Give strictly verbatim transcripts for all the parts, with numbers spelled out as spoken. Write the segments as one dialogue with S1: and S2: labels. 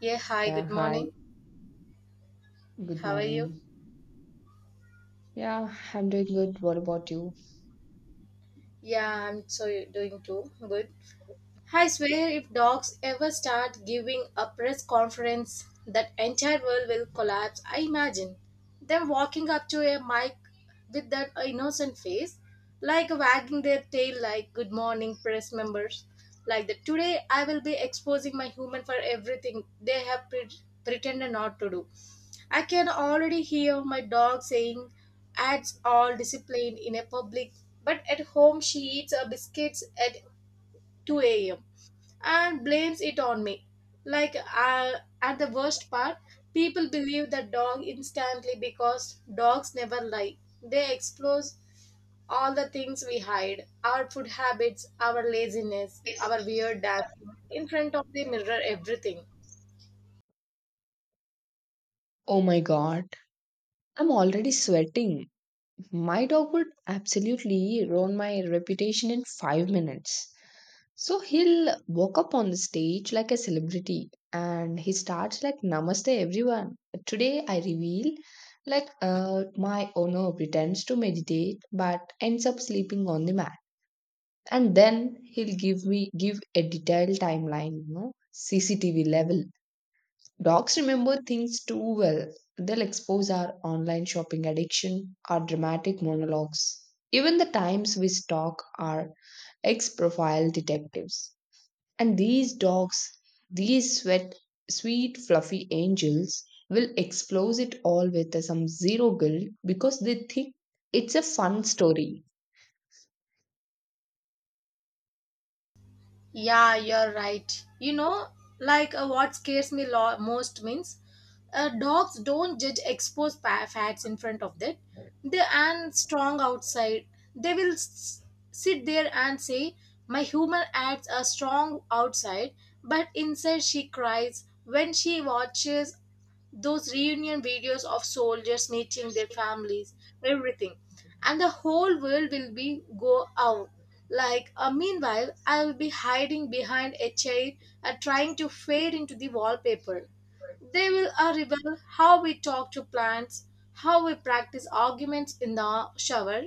S1: Yeah, hi,
S2: Yeah,
S1: good
S2: hi,
S1: morning.
S2: good
S1: How are you?
S2: morning. Yeah, I'm doing good. What about you?
S1: Yeah, I'm so Doing too. Good. I swear, if dogs ever start giving a press conference, that entire world will collapse. I imagine them walking up to a mic with that innocent face, like wagging their tail, like "Good morning, press members." Like that, today I will be exposing my human for everything they have pre- pretended not to do. I can already hear my dog saying, "Ads all disciplined in a public, but at home she eats her biscuits at two a m" and blames it on me. Like, uh, at the worst part, people believe the dog instantly because dogs never lie. They expose all the things we hide, our food habits, our laziness, our weird dancing in front of the mirror, everything.
S2: Oh my God, I'm already sweating. My dog would absolutely ruin my reputation in five minutes. So he'll walk up on the stage like a celebrity and he starts like, Namaste, everyone. Today I reveal like uh, my owner pretends to meditate but ends up sleeping on the mat. And then he'll give me give a detailed timeline, you know, CCTV level. Dogs remember things too well. They'll expose our online shopping addiction, our dramatic monologues, even the times we stalk our ex profile detectives. And these dogs, these sweat sweet fluffy angels will expose it all with some zero guilt because they think it's a fun story.
S1: Yeah, you're right. You know, like uh, what scares me lo- most means, uh, dogs don't judge exposed pa- facts in front of that. They and strong outside. They will s- sit there and say, "My human acts are strong outside, but inside she cries when she watches those reunion videos of soldiers meeting their families, everything." And the whole world will be go out. Like, uh, meanwhile, I will be hiding behind a chair and trying to fade into the wallpaper. They will arrive how we talk to plants, how we practice arguments in the shower,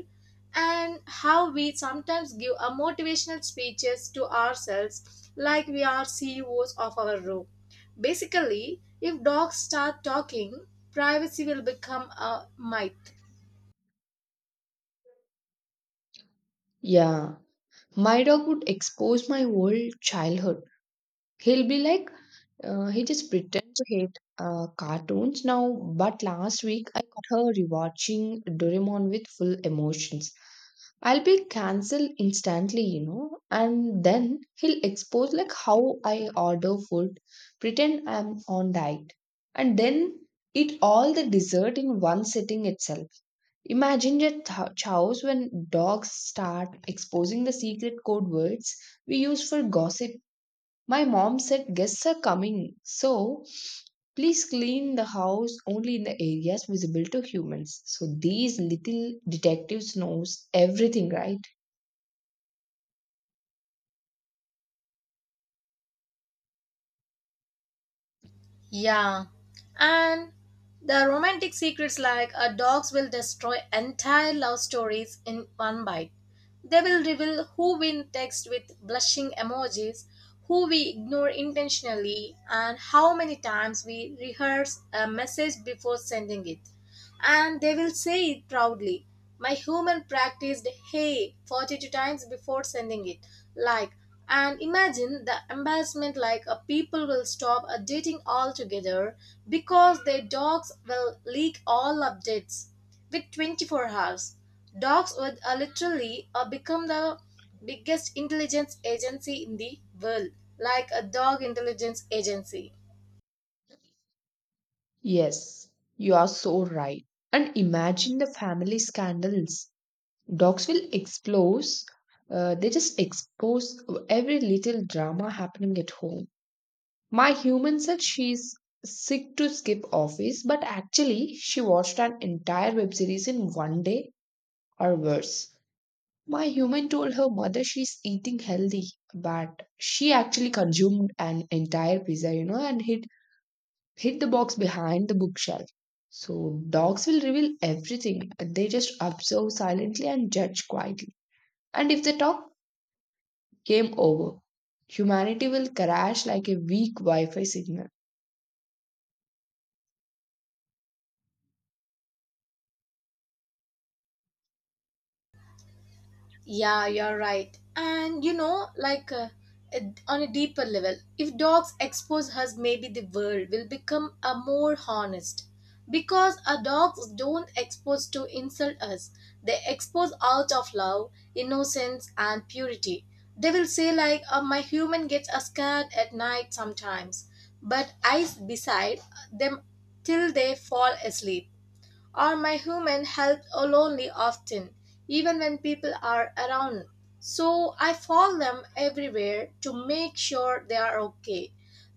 S1: and how we sometimes give a motivational speeches to ourselves like we are C E Os of our room. Basically, if dogs start talking, privacy will become a myth.
S2: Yeah. My dog would expose my whole childhood. He'll be like, uh, he just pretends to hate uh, cartoons now, but last week I caught her rewatching Doraemon with full emotions. I'll be cancelled instantly, you know, and then he'll expose like how I order food, pretend I'm on diet, and then eat all the dessert in one sitting itself. Imagine your th- chows when dogs start exposing the secret code words we use for gossip. My mom said guests are coming, so please clean the house only in the areas visible to humans. So these little detectives knows everything, right?
S1: Yeah. And the romantic secrets, like a dogs will destroy entire love stories in one bite. They will reveal who we text with blushing emojis, who we ignore intentionally, and how many times we rehearse a message before sending it. And they will say it proudly. My human practiced hey forty-two times before sending it. Like, and imagine the embarrassment, like a people will stop updating altogether because their dogs will leak all updates with twenty-four hours. Dogs would uh, literally uh, become the biggest intelligence agency in the world, like a dog intelligence agency.
S2: Yes, you are so right. And imagine the family scandals. Dogs will expose. Uh, they just expose every little drama happening at home. My human said she's sick to skip office, but actually, she watched an entire web series in one day. Or worse, my human told her mother she's eating healthy, but she actually consumed an entire pizza, you know, and hid, hid the box behind the bookshelf. So, dogs will reveal everything. They just observe silently and judge quietly. And if they talk, game over. Humanity will crash like a weak Wi Fi signal.
S1: Yeah, you're right. And you know, like uh, it- on a deeper level, if dogs expose us, maybe the world will become a more honest. Because our dogs don't expose to insult us, they expose out of love, innocence, and purity. They will say like, oh, "My human gets uh, scared at night sometimes, but I s- beside them till they fall asleep." or my human help lonely often, even when people are around. So I follow them everywhere to make sure they are okay.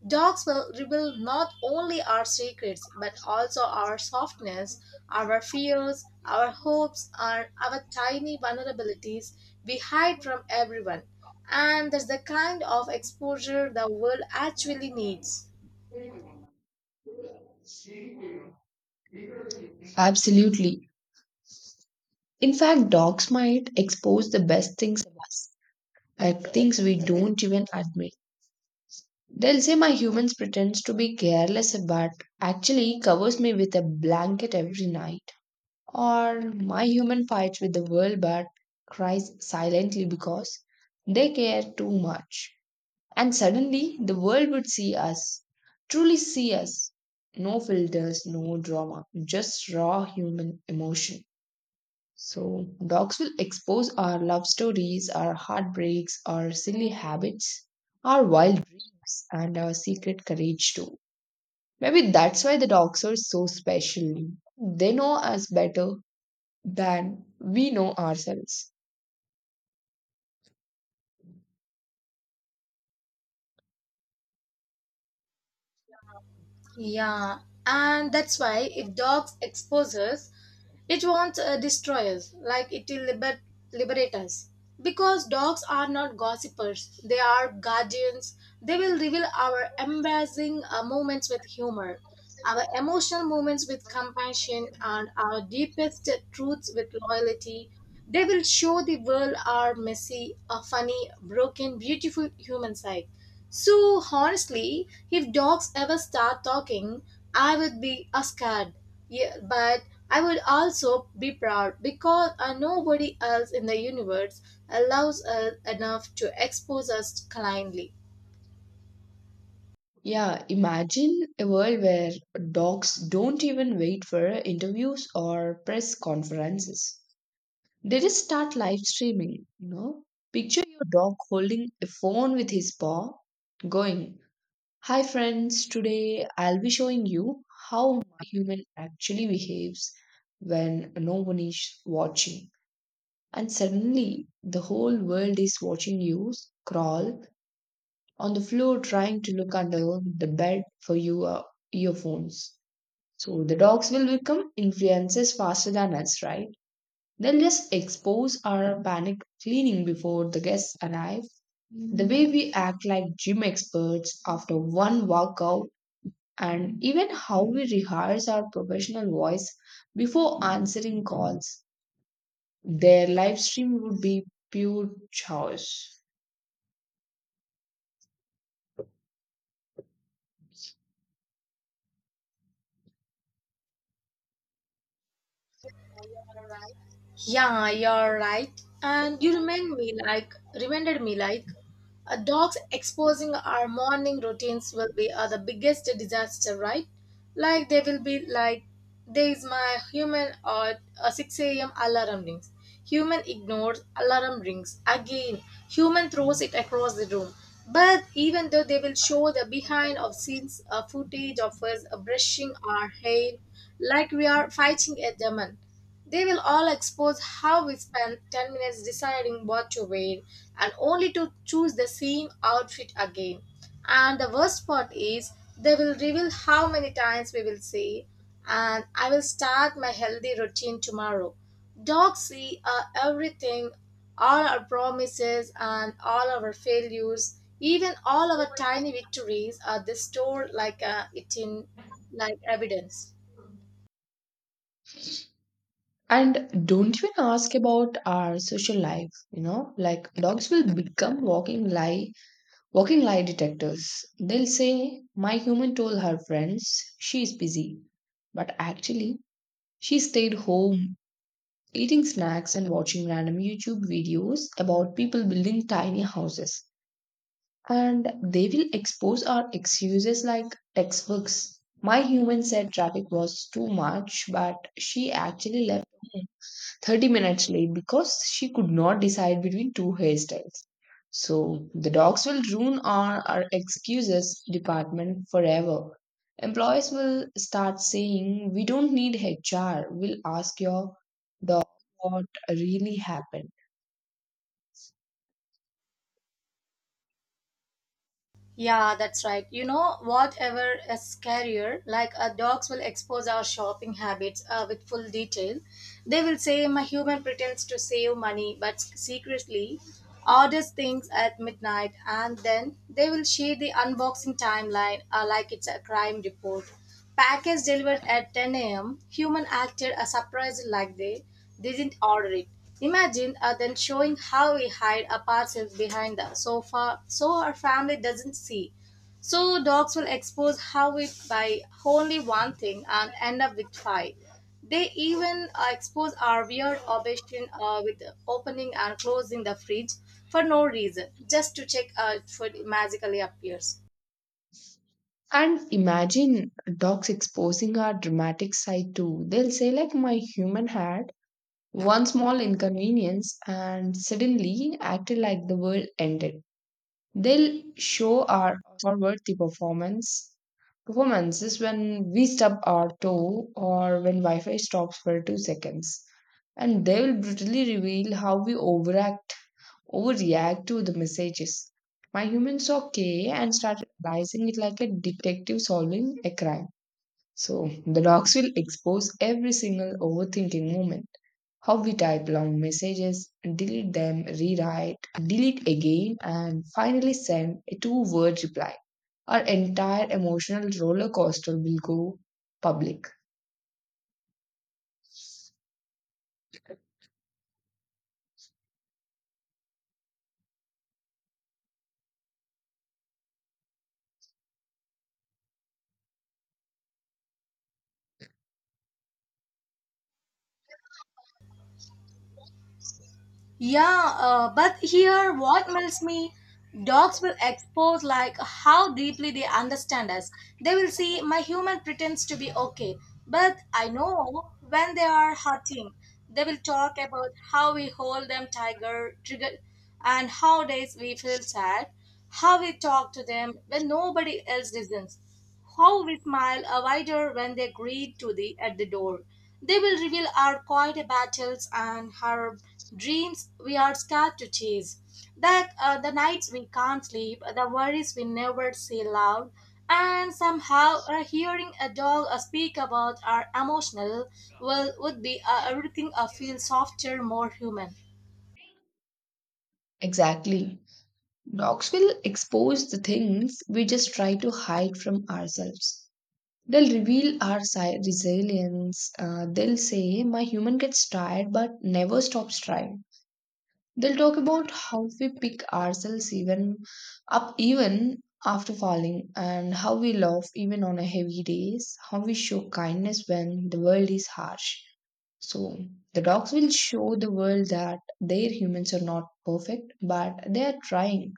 S1: Dogs will reveal not only our secrets but also our softness, our fears, our hopes, and our tiny vulnerabilities we hide from everyone. And that's the kind of exposure the world actually needs.
S2: Absolutely. In fact, dogs might expose the best things in us, like things we don't even admit. They'll say my humans pretends to be careless but actually covers me with a blanket every night. Or my human fights with the world but cries silently because they care too much. And suddenly the world would see us, truly see us. No filters, no drama, just raw human emotion. So, dogs will expose our love stories, our heartbreaks, our silly habits, our wild dreams, and our secret courage too. Maybe that's why the dogs are so special. They know us better than we know ourselves.
S1: Yeah, and that's why if dogs expose us, it won't uh, destroy us, like it will liber- liberate us. Because dogs are not gossipers, they are guardians. They will reveal our embarrassing uh, moments with humor, our emotional moments with compassion, and our deepest truths with loyalty. They will show the world our messy, uh, funny, broken, beautiful human side. So honestly, if dogs ever start talking, I would be uh, scared. Yeah, but I would also be proud because uh, nobody else in the universe allows us enough to expose us kindly.
S2: Yeah, imagine a world where dogs don't even wait for interviews or press conferences. They just start live streaming, you know. Picture your dog holding a phone with his paw, going, Hi friends, today I'll be showing you how my human actually behaves when no one is watching. And suddenly, the whole world is watching you crawl on the floor trying to look under the bed for your earphones. So the dogs will become influencers faster than us, right? They'll just expose our panic cleaning before the guests arrive, the way we act like gym experts after one workout, and even how we rehearse our professional voice before answering calls. Their live stream would be pure chaos.
S1: Yeah, you're right. And you remind me like reminded me like, uh, dogs exposing our morning routines will be, uh, the biggest disaster, right? Like they will be like there is my human or uh, six a m alarm rings. Human ignores alarm rings again. Human throws it across the room. But even though they will show the behind of scenes uh, footage of us uh, brushing our hair like we are fighting a demon, they will all expose how we spent ten minutes deciding what to wear and only to choose the same outfit again. And the worst part is, they will reveal how many times we will say, and I will start my healthy routine tomorrow. Dogs see uh, everything, all our promises and all our failures, even all our tiny victories are they stored like uh, it in like evidence.
S2: And don't even ask about our social life, you know, like dogs will become walking lie walking lie detectors. They'll say, My human told her friends she's busy. But actually, she stayed home, eating snacks and watching random YouTube videos about people building tiny houses. And they will expose our excuses like textbooks. My human said traffic was too much, but she actually left thirty minutes late because she could not decide between two hairstyles. So the dogs will ruin our, our excuses department forever. Employees will start saying, We don't need H R. We'll ask your dog what really happened.
S1: Yeah, that's right. You know, whatever is scarier, like uh, dogs will expose our shopping habits uh, with full detail. They will say my human pretends to save money, but secretly orders things at midnight, and then they will share the unboxing timeline uh, like it's a crime report. Package delivered at ten a m. Human acted a surprise like they didn't order it. Imagine uh, then showing how we hide a parcel behind the sofa so our family doesn't see. So dogs will expose how we buy only one thing and end up with five. They even uh, expose our weird obsession uh, with opening and closing the fridge for no reason, just to check uh, if food magically appears.
S2: And imagine dogs exposing our dramatic side too. They'll say, like, my human had one small inconvenience and suddenly acted like the world ended. They'll show our forward the performance performances when we stub our toe or when Wi-Fi stops for two seconds. And they will brutally reveal how we overact overreact to the messages. My human saw K and started analyzing it like a detective solving a crime. So the dogs will expose every single overthinking moment, how we type long messages, delete them, rewrite, delete again, and finally send a two word reply. Our entire emotional roller coaster will go public.
S1: Yeah, uh, but here what melts me, dogs will expose like how deeply they understand us. They will see my human pretends to be okay, but I know when they are hurting. They will talk about how we hold them tiger trigger and how days we feel sad, how we talk to them when nobody else listens. How we smile a wider when they greet to the at the door. They will reveal our quiet battles and our dreams we are scared to chase. That uh, the nights we can't sleep, the worries we never say loud, and somehow uh, hearing a dog uh, speak about our emotional will would be uh, everything uh, feel softer, more human.
S2: Exactly. Docs will expose the things we just try to hide from ourselves. They'll reveal our si- resilience. Uh, they'll say, My human gets tired but never stops trying. They'll talk about how we pick ourselves even up even after falling and how we laugh even on a heavy days, how we show kindness when the world is harsh. So the dogs will show the world that their humans are not perfect, but they are trying,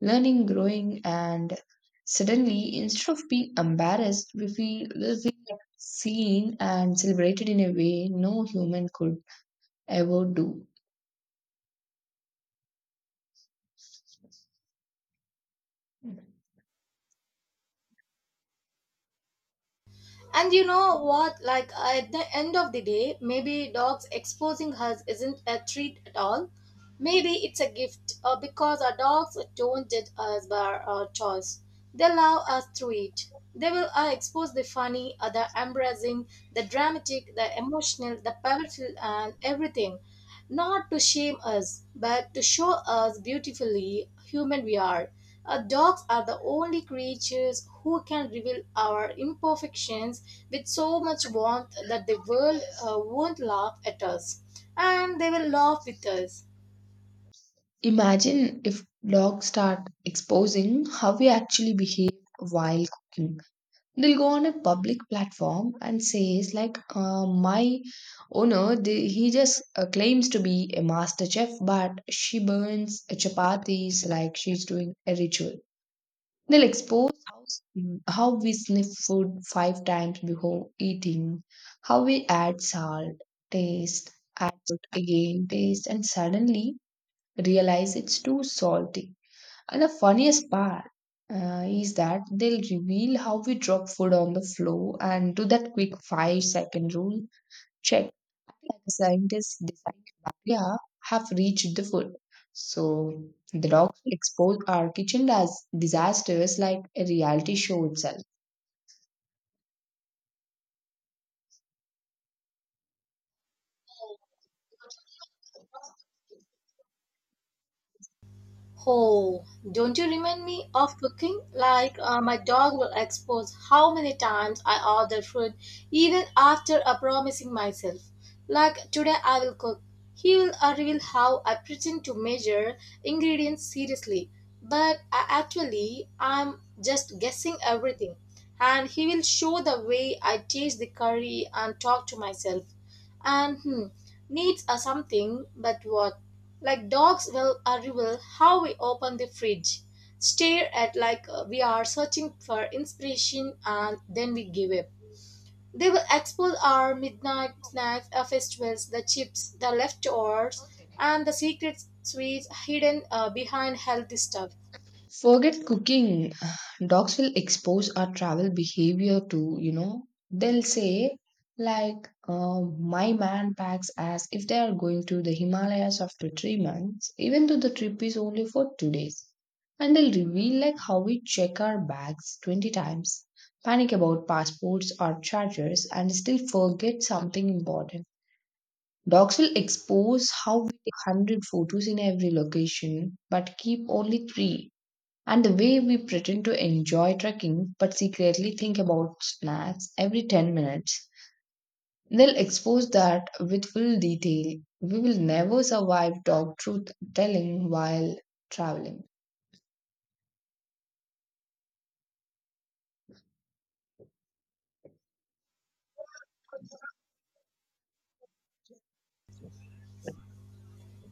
S2: learning, growing, and suddenly instead of being embarrassed, we feel we feel like seen and celebrated in a way no human could ever do.
S1: And you know what? Like at the end of the day, maybe dogs exposing us isn't a treat at all. Maybe it's a gift uh, because our dogs don't judge us by our choice. They love us through it. They will uh, expose the funny, uh, the embarrassing, the dramatic, the emotional, the powerful, and everything not to shame us, but to show us beautifully human we are. Uh, dogs are the only creatures who can reveal our imperfections with so much warmth that the world
S2: Yes.
S1: uh, won't laugh at us, and they will laugh with us.
S2: Imagine if dogs start exposing how we actually behave while cooking. They'll go on a public platform and says like, uh, "My owner, the, he just uh, claims to be a master chef, but she burns chapatis like she's doing a ritual." They'll expose how, how we sniff food five times before eating, how we add salt, taste, add salt again, taste, and suddenly realize it's too salty. And the funniest part uh, is that they'll reveal how we drop food on the floor and do that quick five second rule check. Like the scientists design bacteria have reached the food. So the dogs expose our kitchen as disasters like a reality show itself.
S1: Oh, don't you remind me of cooking? Like, uh, my dog will expose how many times I order food even after I promising myself. Like, today I will cook. He will uh, reveal how I pretend to measure ingredients seriously, but I actually I'm just guessing everything. And he will show the way I taste the curry and talk to myself and hmm, needs are something but what, like dogs will arrival how we open the fridge stare at like uh, we are searching for inspiration and then we give up. They will expose our midnight snacks, our festivals, the chips, the leftovers, and the secret sweets hidden uh, behind healthy stuff.
S2: Forget cooking. Dogs will expose our travel behavior to, you know. They'll say, like, uh, my man packs as if they are going to the Himalayas after three months, even though the trip is only for two days. And they'll reveal, like, how we check our bags twenty times, panic about passports or chargers, and still forget something important. Dogs will expose how we take one hundred photos in every location, but keep only three, and the way we pretend to enjoy trekking but secretly think about snacks every ten minutes. They'll expose that with full detail. We will never survive dog truth telling while traveling.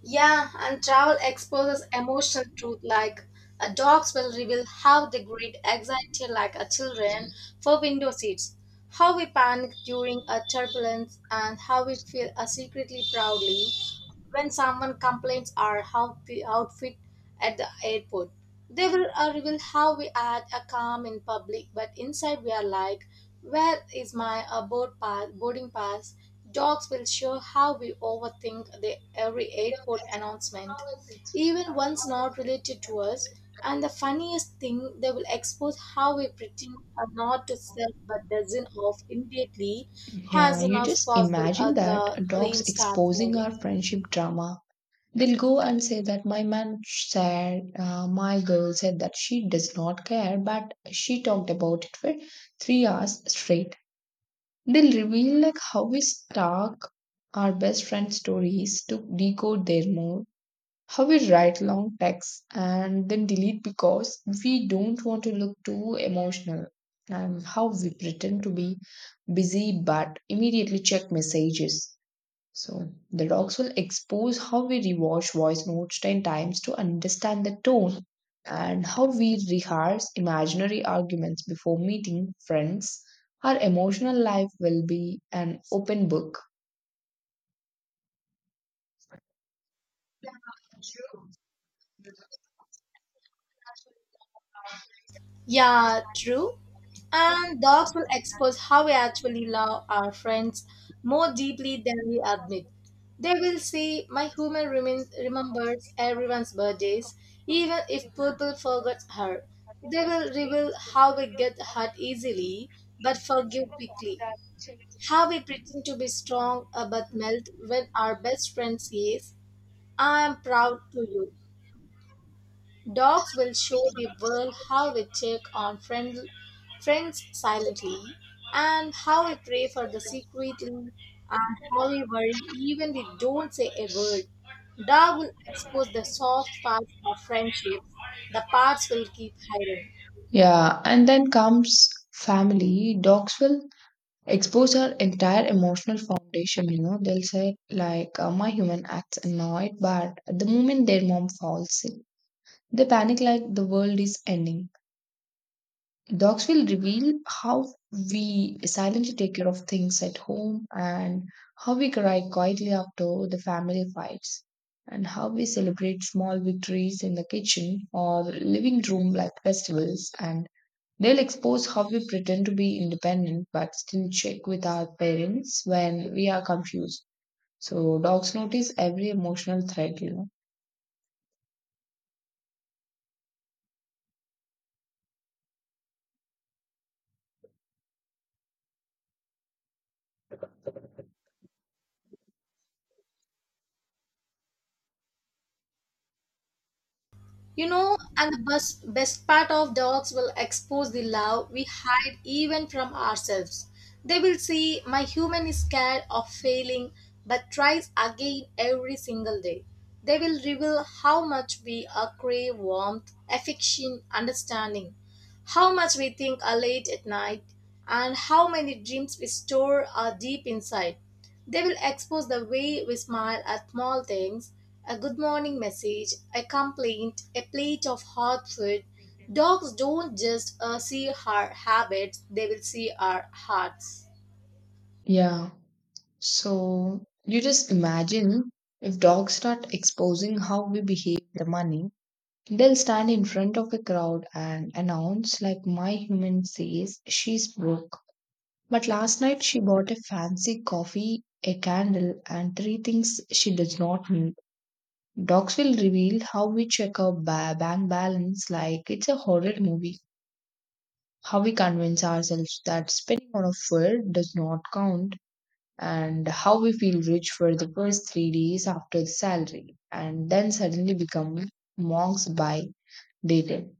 S1: Yeah, and travel exposes emotional truth like, uh, dogs will reveal how they greet anxiety like a children for window seats, how we panic during a turbulence, and how we feel uh, secretly proudly when someone complains our how outfit at the airport. They will uh, reveal how we act are calm in public, but inside we are like, where is my uh, board pass, boarding pass? Dogs will show how we overthink the every airport announcement, even ones not related to us. And the funniest thing, they will expose how we pretend uh, not to sell but dozen off immediately as
S2: Yeah,
S1: soon
S2: you
S1: as
S2: just
S1: possible
S2: imagine
S1: uh,
S2: that
S1: the
S2: dogs
S1: plane starts
S2: exposing our
S1: moving.
S2: friendship drama. They'll go and say that my man said, uh, my girl said that she does not care, but she talked about it for three hours straight. They'll reveal like how we stalk our best friend stories to decode their mood, how we write long texts and then delete because we don't want to look too emotional, and how we pretend to be busy but immediately check messages. So the dogs will expose how we rewash voice notes ten times to understand the tone and how we rehearse imaginary arguments before meeting friends. Our emotional life will be an open book.
S1: Yeah, true. And dogs will expose how we actually love our friends more deeply than we admit. They will say, my human rem- remembers everyone's birthdays, even if people forgot her. They will reveal how we get hurt easily but forgive quickly. How we pretend to be strong uh, but melt when our best friend says, I am proud to you. Dogs will show the world how we check on friend, friends silently, and how we pray for the secretly, and how we worry even we don't say a word. Dog will expose the soft parts of friendships, the parts will keep hidden.
S2: Yeah, and then comes family. Dogs will expose our entire emotional foundation. You know, they'll say, like, uh, my human acts annoyed, but at the moment their mom falls sick, they panic like the world is ending. Dogs will reveal how we silently take care of things at home, and how we cry quietly after the family fights, and how we celebrate small victories in the kitchen or living room like festivals, and they'll expose how we pretend to be independent but still check with our parents when we are confused. So dogs notice every emotional thread, you know.
S1: You know, and the best, best part of dogs will expose the love we hide even from ourselves. They will see my human is scared of failing but tries again every single day. They will reveal how much we uh, crave warmth, affection, understanding, how much we think are late at night, and how many dreams we store are deep inside. They will expose the way we smile at small things, a good morning message, a complaint, a plate of hot food. Dogs don't just uh, see our habits, they will see our hearts.
S2: Yeah. So you just imagine if dogs start exposing how we behave with the money. They'll stand in front of a crowd and announce, like my human says, she's broke. But last night she bought a fancy coffee, a candle, and three things she does not need. Dogs will reveal how we check our ba- bank balance like it's a horror movie, how we convince ourselves that spending on a fur does not count, and how we feel rich for the first three days after the salary and then suddenly become monks by day ten.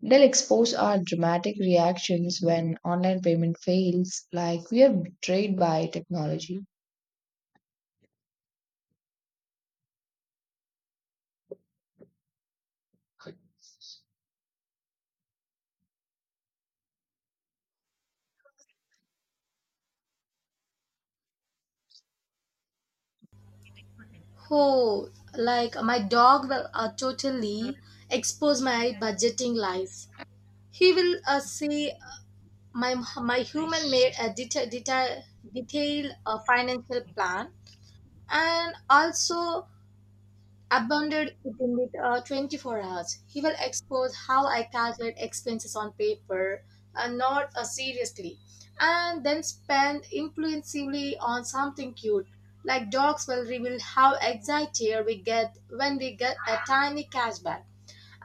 S2: They'll expose our dramatic reactions when online payment fails, like we are betrayed by technology.
S1: Oh, like my dog will uh, totally expose my budgeting life. He will uh, say, uh, my my human made a detail detail detailed uh, financial plan and also abounded within with, uh, twenty-four hours. He will expose how I calculate expenses on paper and not uh, seriously, and then spend impulsively on something cute. Like dogs will reveal how excited we get when we get a tiny cashback,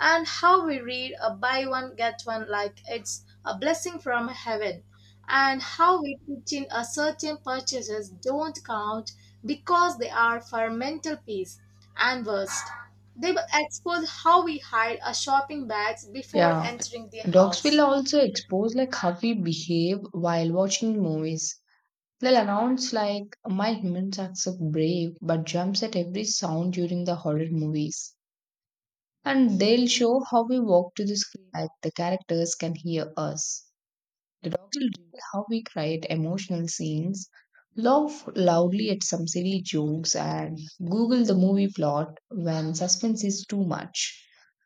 S1: and how we read a buy one get one like it's a blessing from heaven, and how we pretend a certain purchases don't count because they are for mental peace. And worst, they will expose how we hide our shopping bags before
S2: Yeah.
S1: entering the
S2: Docs will
S1: house.
S2: also expose like how we behave while watching movies. They'll announce like my humans accept brave but jumps at every sound during the horror movies. And they'll show how we walk to the screen like the characters can hear us. The dog will reveal how we cry at emotional scenes, laugh loudly at some silly jokes, and Google the movie plot when suspense is too much.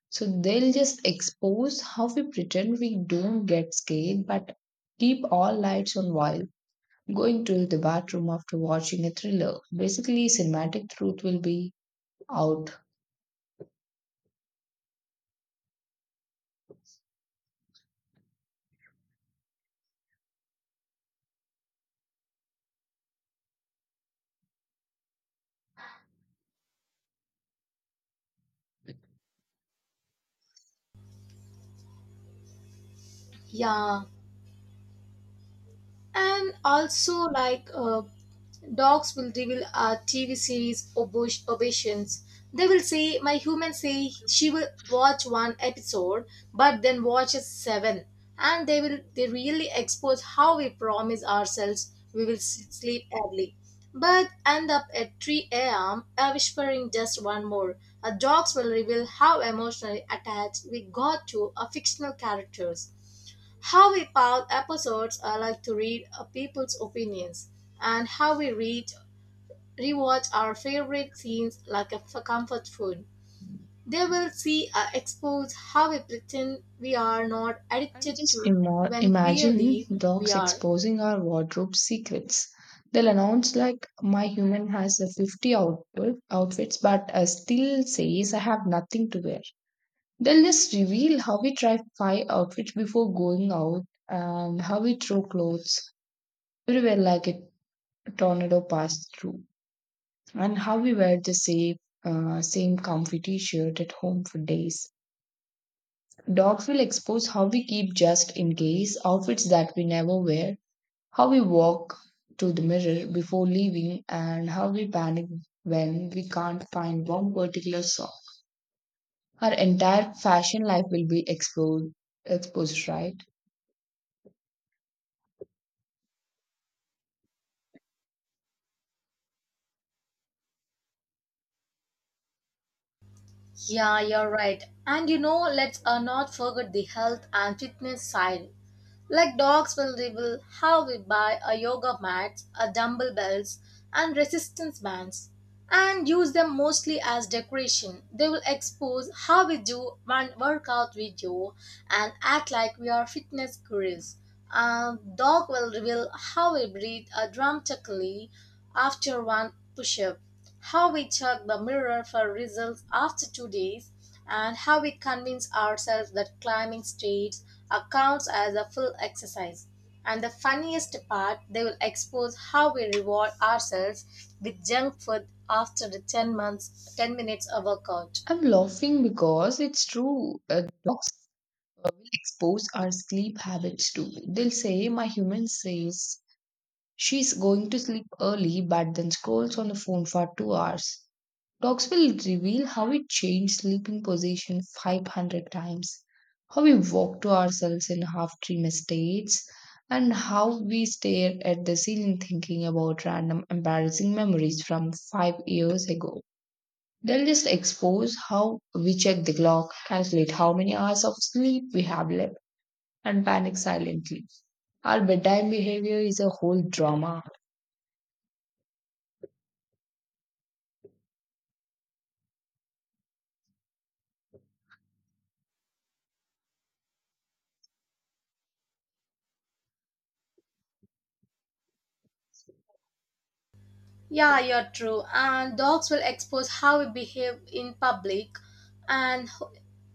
S2: So they'll just expose how we pretend we don't get scared but keep all lights on while going to the bathroom after watching a thriller. Basically, cinematic truth will be out.
S1: Yeah. And also, like uh, dogs will reveal a T V series obos- obeisance. They will say, my human say she will watch one episode, but then watches seven. And they will they really expose how we promise ourselves we will s- sleep early, but end up at three a m uh, whispering just one more. Uh, dogs will reveal how emotionally attached we got to a fictional characters. How we found episodes I like to read uh, people's opinions, and how we read rewatch our favorite scenes like a f- comfort food. They will see uh, expose how we pretend we are not
S2: And
S1: addicted
S2: just
S1: to
S2: imo-
S1: when
S2: imagine
S1: clearly we
S2: dogs
S1: are.
S2: exposing our wardrobe secrets. They'll announce like my human has a fifty outfit, outfits but uh, still says I have nothing to wear. They'll just reveal how we try five outfits before going out, and how we throw clothes everywhere like a tornado passed through, and how we wear the same uh, same comfy t-shirt at home for days. Dogs will expose how we keep just in case outfits that we never wear. How we walk to the mirror before leaving, and how we panic when we can't find one particular song. Our entire fashion life will be exposed, exposed, right?
S1: Yeah, you're right. And you know, let's uh, not forget the health and fitness side. Like dogs will reveal how we buy a yoga mat, a dumbbell belts, and resistance bands, and use them mostly as decoration. They will expose how we do one workout video and act like we are fitness gurus. A dog will reveal how we breathe uh, dramatically after one push-up. How we check the mirror for results after two days, and how we convince ourselves that climbing stairs accounts as a full exercise. And the funniest part, they will expose how we reward ourselves with junk food after the ten months, ten minutes of workout.
S2: I'm laughing because it's true. Uh, dogs uh, will expose our sleep habits too. They'll say, My human says she's going to sleep early, but then scrolls on the phone for two hours. Dogs will reveal how we change sleeping position five hundred times, how we walk to ourselves in half dream states, and how we stare at the ceiling thinking about random embarrassing memories from five years ago. They'll just expose how we check the clock, calculate how many hours of sleep we have left, and panic silently. Our bedtime behavior is a whole drama.
S1: Yeah, you're true. And dogs will expose how we behave in public and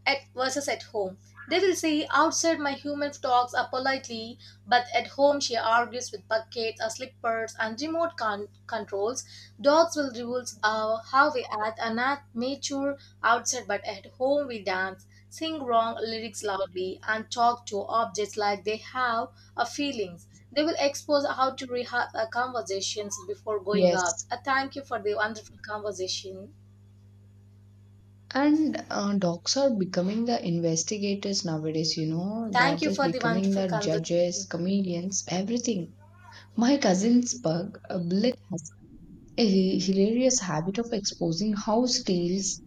S1: at versus at home. They will say outside my human talks are politely, but at home she argues with buckets or slippers and remote con- controls. Dogs will rule uh, how we act and not mature outside, but at home we dance, sing wrong lyrics loudly, and talk to objects like they have a feelings. They will expose how to rehearse our conversations before going out.
S2: Yes,
S1: Uh, thank you for the wonderful conversation.
S2: and uh, docs are becoming the investigators nowadays, you know. They are
S1: Thank you
S2: just
S1: for the
S2: becoming
S1: wonderful
S2: the judges,
S1: conversation.
S2: comedians, everything. My cousin's pug, uh, Bullet, has a hilarious habit of exposing house tales